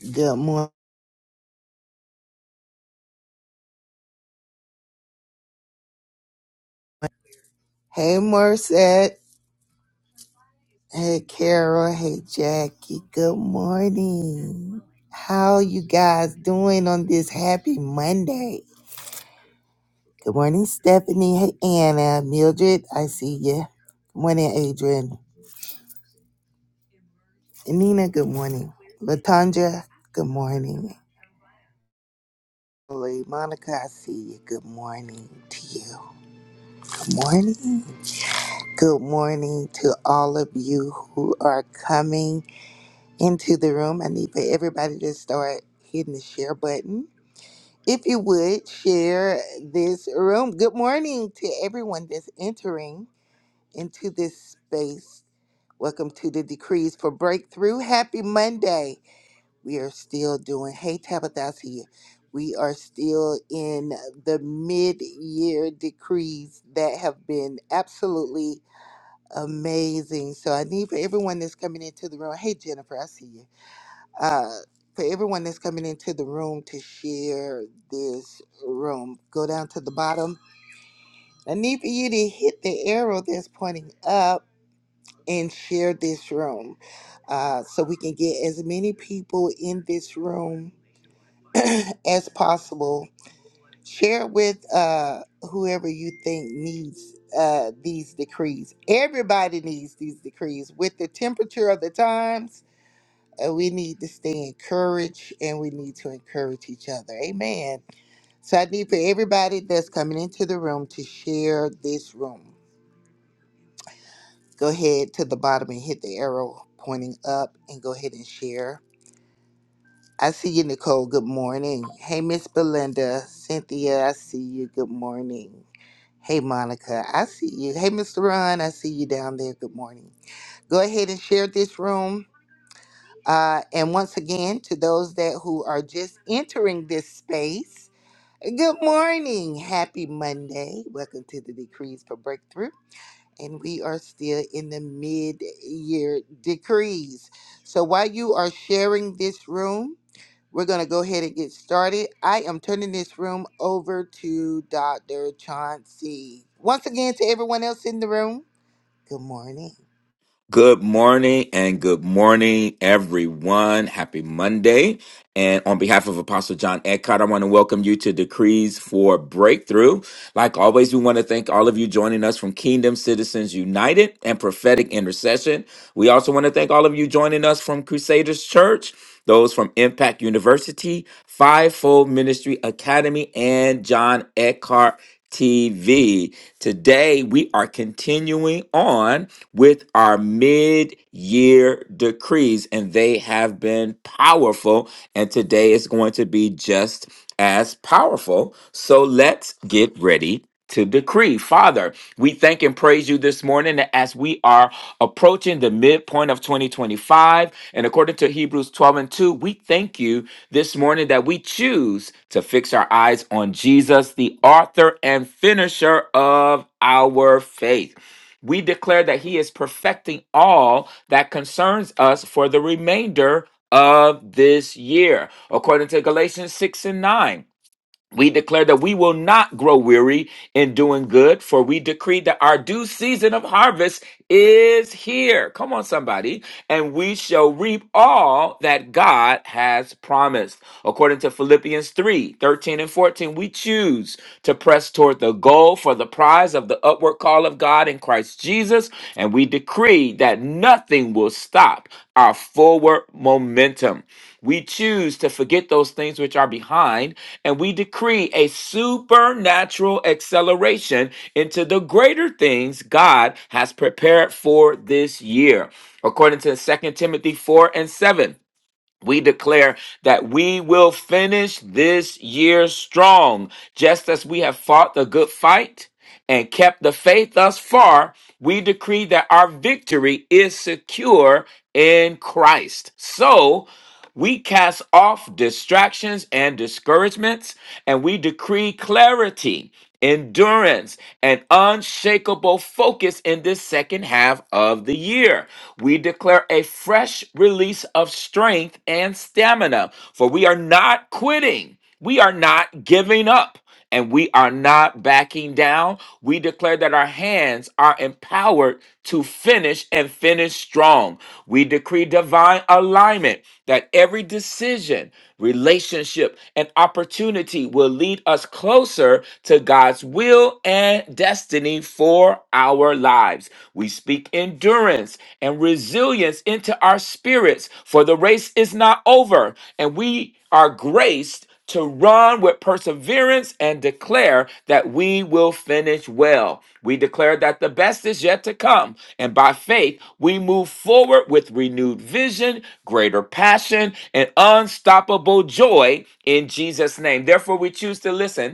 Good morning. Hey, Morissette. Hey, Carol. Hey, Jackie. Good morning. How you guys doing on this happy Monday? Good morning, Stephanie. Hey, Anna. Mildred, I see you. Good morning, Adrian. And Nina, good morning. Latanja, good morning. Lily, Monica, I see you. Good morning to you. Good morning. Good morning to all of you who are coming. into the room. I need for everybody to start hitting the share button. If you would share this room. Good morning to everyone that's entering into this space. Welcome to the Decrees for Breakthrough. Happy Monday. We are still doing, hey Tabitha, I see you. We are still in the mid year decrees that have been absolutely amazing. So I need for everyone that's coming into the room, hey Jennifer, I see you uh, for everyone that's coming into the room to share this room, go down to the bottom. I need for you to hit the arrow that's pointing up and share this room uh, so we can get as many people in this room as possible. Share with uh, whoever you think needs uh, these decrees. Everybody needs these decrees with the temperature of the times Uh, we need to stay encouraged and we need to encourage each other. Amen. So I need for everybody that's coming into the room to share this room. Go ahead to the bottom and hit the arrow pointing up and go ahead and share. I see you, Nicole. Good morning. Hey, Miss Belinda. Cynthia, I see you. Good morning. Hey, Monica, I see you. Hey, Mr. Ron, I see you down there. Good morning. Go ahead and share this room Uh, and once again, to those that who are just entering this space, good morning, happy Monday. Welcome to the Decrees for Breakthrough. And we are still in the mid year decrees. So while you are sharing this room, we're going to go ahead and get started. I am turning this room over to Dr. Chauncey. Once again, to everyone else in the room, good morning. Good morning and good morning, everyone. Happy Monday. And on behalf of Apostle John Eckhart, I want to welcome you to Decrees for Breakthrough. Like always, we want to thank all of you joining us from Kingdom Citizens United and Prophetic Intercession. We also want to thank all of you joining us from Crusaders Church, those from Impact University, Fivefold Ministry Academy, and John Eckhart TV. Today, we are continuing on with our mid year decrees, and they have been powerful. And today is going to be just as powerful. So let's get ready to decree. Father, we thank and praise you this morning that as we are approaching the midpoint of 2025. And according to Hebrews 12 and 2, we thank you this morning that we choose to fix our eyes on Jesus, the author and finisher of our faith we declare that he is perfecting all that concerns us for the remainder of this year, according to Galatians 6 and 9. We declare that we will not grow weary in doing good, for we decree that our due season of harvest is here. Come on, somebody. And we shall reap all that God has promised. According to Philippians 3 13 and 14, we choose to press toward the goal for the prize of the upward call of God in Christ Jesus. And we decree that nothing will stop our forward momentum. We choose to forget those things which are behind, and we decree a supernatural acceleration into the greater things God has prepared for this year. According to Second Timothy 4 and 7, we declare that we will finish this year strong, just as we have fought the good fight and kept the faith thus far. We decree that our victory is secure in Christ. So, we cast off distractions and discouragements, and we decree clarity, endurance, and unshakable focus in this second half of the year. We declare a fresh release of strength and stamina, for we are not quitting. We are not giving up and we are not backing down. We declare that our hands are empowered to finish and finish strong. We decree divine alignment that every decision, relationship, and opportunity will lead us closer to God's will and destiny for our lives. We speak endurance and resilience into our spirits, for the race is not over, and we are graced to run with perseverance and declare that we will finish well. We declare that the best is yet to come, and by faith, we move forward with renewed vision, greater passion, and unstoppable joy in Jesus' name. Therefore, we choose to listen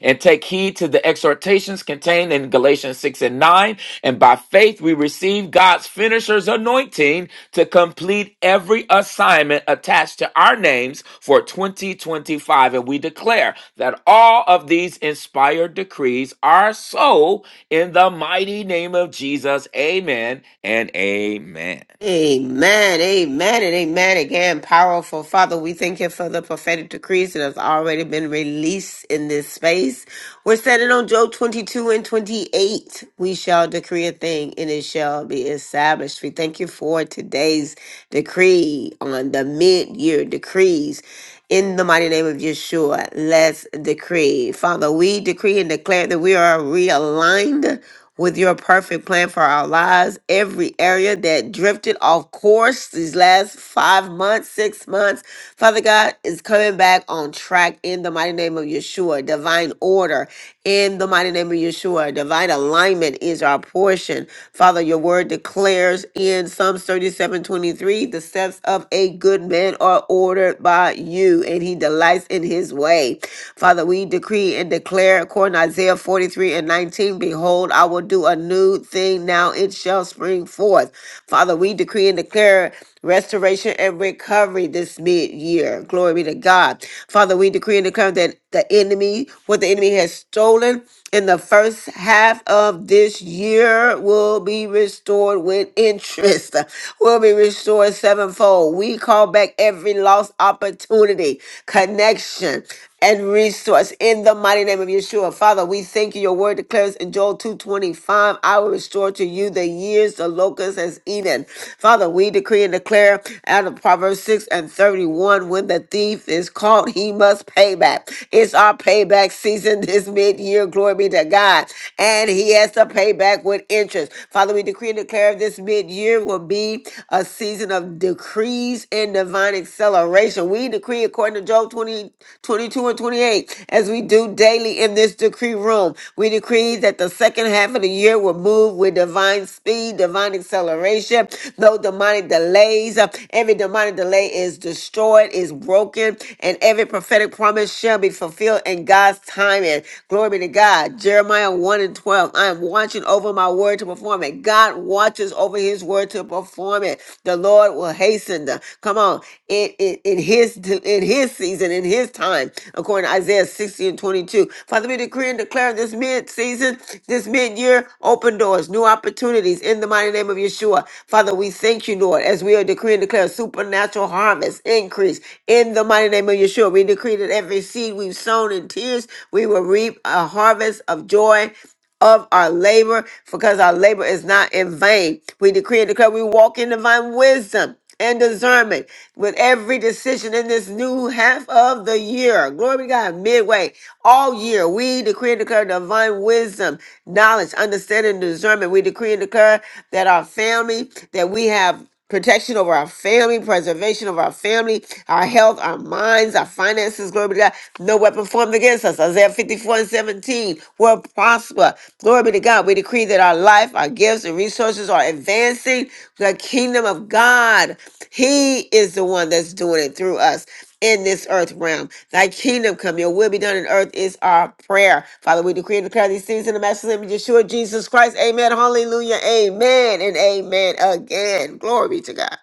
and take heed to the exhortations contained in Galatians 6 and 9. And by faith, we receive God's finisher's anointing to complete every assignment attached to our names for 2025. And we declare that all of these inspired decrees are so in the mighty name of Jesus. Amen and amen. Amen, amen, and amen again. Powerful Father, we thank you for the prophetic decrees that have already been released in this space. We're standing on Job 22 and 28. We shall decree a thing and it shall be established. We thank you for today's decree on the mid year decrees. In the mighty name of Yeshua, let's decree. Father, we decree and declare that we are realigned with your perfect plan for our lives. Every area that drifted off course these last five months, six months, Father God is coming back on track in the mighty name of Yeshua. Divine order in the mighty name of Yeshua. Divine alignment is our portion. Father, your word declares in Psalms 37 23: the steps of a good man are ordered by you, and he delights in his way. Father, we decree decree and declare according to Isaiah 43 and 19, behold, I will do a new thing now, it shall spring forth. Father, we decree and declare restoration and recovery this mid-year. Glory be to God. Father, we decree and declare that the enemy, what the enemy has stolen in the first half of this year will be restored with interest, will be restored sevenfold. We call back every lost opportunity, connection, and resource in the mighty name of Yeshua. Father, we thank you. Your word declares in Joel 2:25, I will restore to you the years the locust has eaten. Father, we decree and declare out of Proverbs 6 and 31, when the thief is caught, he must pay back. It's our payback season this mid-year. Glory be to God. And he has to pay back with interest. Father, we decree and declare this mid-year will be a season of decrees increase in divine acceleration. We decree according to Job 20, 22, and 28, as we do daily in this decree room, we decree that the second half of the year will move with divine speed, divine acceleration, no demonic delays. Every demonic delay is destroyed, is broken, and every prophetic promise shall be fulfilled in God's timing. Glory be to God. Jeremiah 1 and 12. I am watching over my word to perform it. God God watches over his word to perform it. The Lord will hasten the come on in, in, in his in his season, in his time, according to Isaiah 60 and 22. Father, we decree and declare this mid-season, this mid-year, open doors, new opportunities in the mighty name of Yeshua. Father, we thank you, Lord, as we are decreeing and declare supernatural harvest, increase in the mighty name of Yeshua. We decree that every seed we've sown in tears, we will reap a harvest of joy of our labor because our labor is not in vain. We decree and declare we walk in divine wisdom and discernment with every decision in this new half of the year. Glory be to God, midway, all year. We decree and declare divine wisdom, knowledge, understanding, and discernment. We decree and declare that our family, that we have protection over our family, preservation of our family, our health, our minds, our finances. Glory be to God. No weapon formed against us. Isaiah 54 and 17 will prosper. Glory be to God. We decree that our life, our gifts, and resources are advancing the kingdom of God. He is the one that's doing it through us in this earth realm. Thy kingdom come, your will be done in earth is our prayer. Father, we decree and declare these things in the master's name of Yeshua Jesus Christ. Amen. Hallelujah. Amen and amen again. Glory be to God.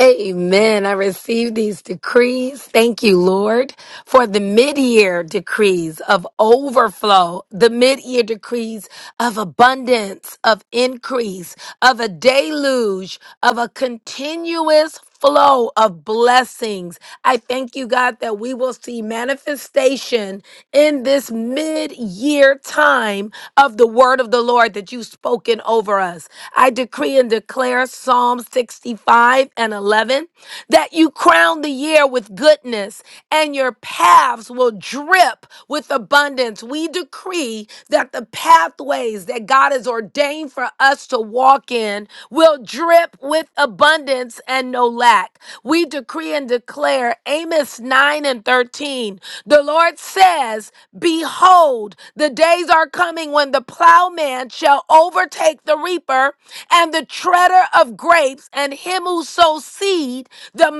Amen. I receive these decrees. Thank you, Lord, for the mid-year decrees of overflow, the mid-year decrees of abundance, of increase, of a deluge of a continuous flow of blessings. I thank you, God, that we will see manifestation in this mid year time of the word of the Lord that you've spoken over us. I decree and declare Psalm 65 and 11 that you crown the year with goodness and your paths will drip with abundance. We decree decree that the pathways that God has ordained for us to walk in will drip with abundance and no lack. We decree and declare Amos 9 and 13. The Lord says, Behold, the days are coming when the plowman shall overtake the reaper and the treader of grapes and him who sows seed. The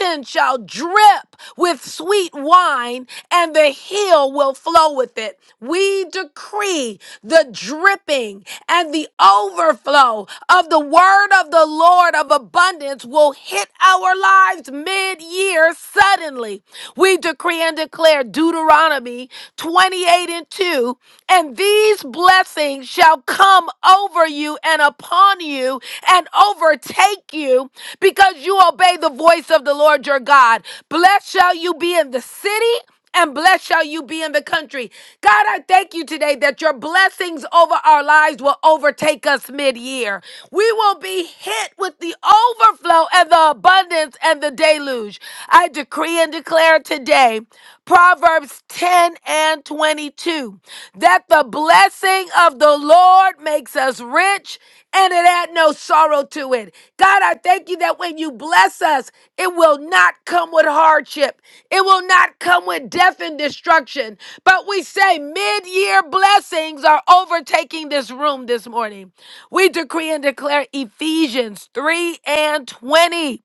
mountain shall drip with sweet wine, and the hill will flow with it. We decree the dripping and the overflow of the word of the Lord of abundance will hit our lives mid year suddenly. We decree and declare Deuteronomy 28 and 2 and these blessings shall come over you and upon you and overtake you because you obey the voice of the Lord your God. Blessed shall you be in the city. And blessed shall you be in the country. God, I thank you today that your blessings over our lives will overtake us mid year. We will be hit with the overflow and the abundance and the deluge. I decree and declare today Proverbs 10 and 22 that the blessing of the Lord makes us rich and it had no sorrow to it. God, I thank you that when you bless us, it will not come with hardship, it will not come with death and destruction. But we say mid year blessings are overtaking this room this morning. We decree and declare Ephesians 3 and 20.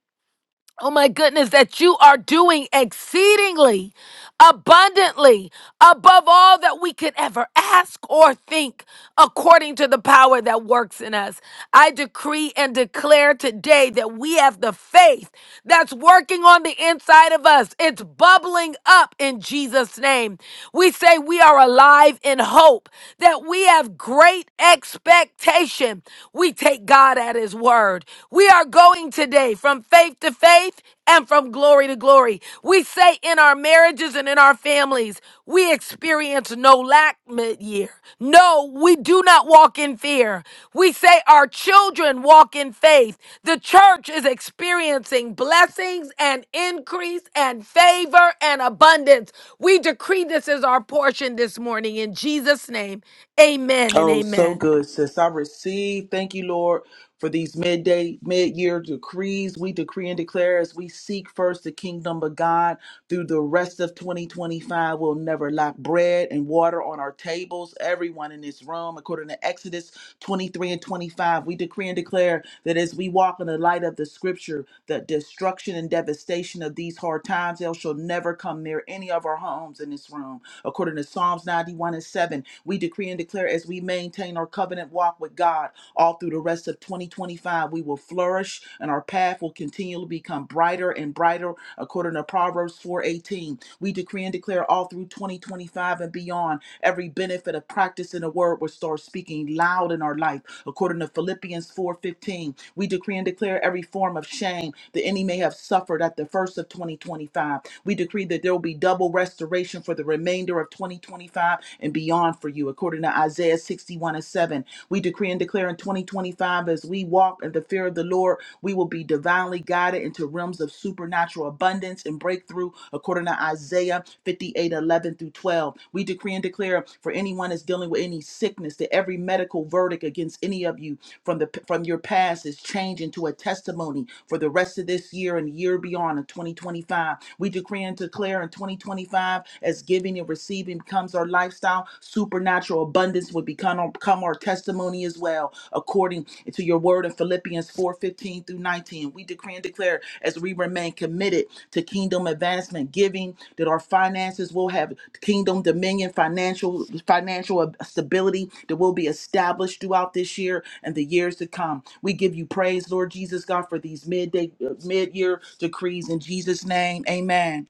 Oh my goodness, that you are doing exceedingly abundantly above all that we could ever ask or think according to the power that works in us. I decree and declare today that we have the faith that's working on the inside of us. It's bubbling up in Jesus' name. We say we are alive in hope, that we have great expectation. We take God at His word. We are going today from faith to faith and from glory to glory. We say in our marriages and in our families, we experience no lack mid year. No, we do not walk in fear. We say our children walk in faith. The church is experiencing blessings and increase and favor and abundance. We decree this is our portion this morning in Jesus' name. Amen and Oh, so amen. good, sis. I receive. Thank you, Lord, for these midday, mid year decrees. We decree and declare as we seek first the kingdom of God through the rest of 2025. We'll never lack bread and water on our tables. Everyone in this room, according to Exodus 23 and 25. We decree and declare that as we walk in the light of the scripture, the destruction and devastation of these hard times, they shall never come near any of our homes in this room. According to Psalms 91 and 7, we decree and declare as we maintain our covenant walk with God all through the rest of 2025, we will flourish and our path will continually become brighter and brighter. According to Proverbs 4:18, we decree and declare all through 2025 and beyond every benefit of practicing the word word will start speaking loud in our life. According to Philippians 4:15, we decree and declare every form of shame the enemy may have suffered at the first of 2025. We decree that there will be double restoration for the remainder of 2025 and beyond for you. According to Isaiah 61 and 7, we decree and declare in 2025 as we walk in the fear of the Lord, we will be divinely guided into realms of supernatural abundance and breakthrough. According to Isaiah 58:11 through 12, we decree and declare declare for anyone that's dealing with any sickness that every medical verdict against any of you from the from your past is changed into a testimony for the rest of this year and the year beyond in 2025. We decree and declare in 2025 as giving and receiving becomes our lifestyle, supernatural abundance would become, become our testimony as well, according to your word in Philippians 4:15 through 19. We decree and declare as we remain committed to kingdom advancement, giving, that our finances will have kingdom dominion financial financial stability that will be established throughout this year and the years to come we give you praise lord jesus god for these midday uh, mid-year decrees in jesus name amen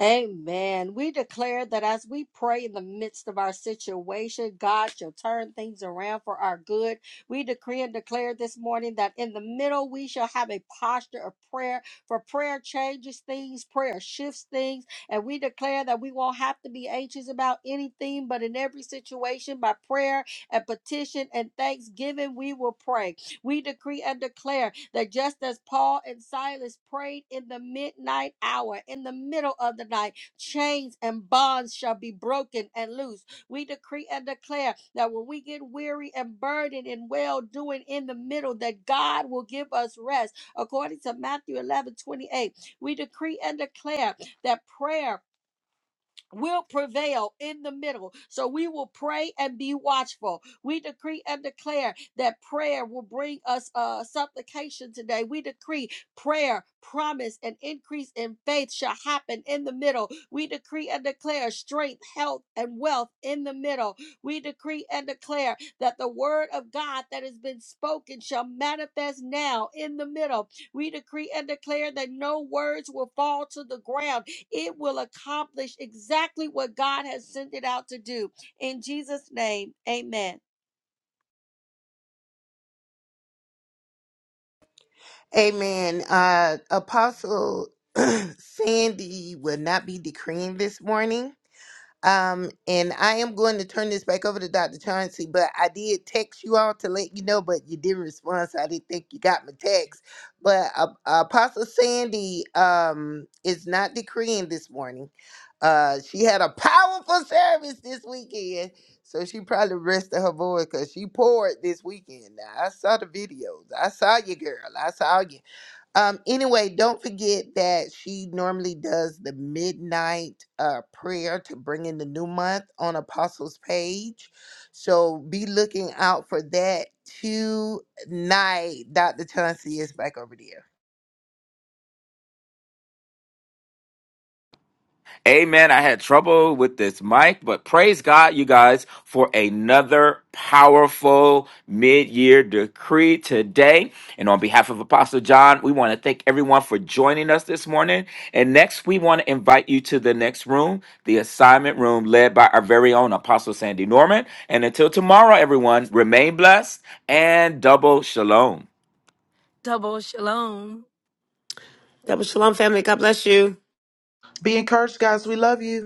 Amen. We declare that as we pray in the midst of our situation, God shall turn things around for our good. We decree and declare this morning that in the middle we shall have a posture of prayer, for prayer changes things, prayer shifts things, and we declare that we won't have to be anxious about anything, but in every situation, by prayer and petition and thanksgiving, we will pray. We decree and declare that just as Paul and Silas prayed in the midnight hour, in the middle of the night, chains and bonds shall be broken and loose. We decree and declare that when we get weary and burdened and well doing in the middle, that God will give us rest. According to Matthew 11 28. we decree and declare that prayer will prevail in the middle. So we will pray and be watchful. We decree and declare that prayer will bring us uh, supplication today. We decree prayer, promise, and increase in faith shall happen in the middle. We decree and declare strength, health, and wealth in the middle. We decree and declare that the word of God that has been spoken shall manifest now in the middle. We decree and declare that no words will fall to the ground. It will accomplish exactly what God has sent it out to do. In Jesus' name, amen. Amen. Uh, Apostle Sandy will not be decreeing this morning. Um, and I am going to turn this back over to Dr. Chauncey, but I did text you all to let you know, but you didn't respond, so I didn't think you got my text. But uh, Apostle Sandy um, is not decreeing this morning. Uh, she had a powerful service this weekend, so she probably rested her voice because she poured this weekend. Now, I saw the videos. I saw you, girl. I saw you. Um, anyway, don't forget that she normally does the midnight uh, prayer to bring in the new month on Apostles' page. So be looking out for that tonight. Dr. Chauncey is back over there. Amen. I had trouble with this mic, but praise God, you guys, for another powerful mid year decree today. And on behalf of Apostle John, we want to thank everyone for joining us this morning. And next, we want to invite you to the next room, the assignment room led by our very own Apostle Sandy Norman. And until tomorrow, everyone, remain blessed and double shalom. Double shalom. Double shalom, family. God bless you. be encouraged guys we love you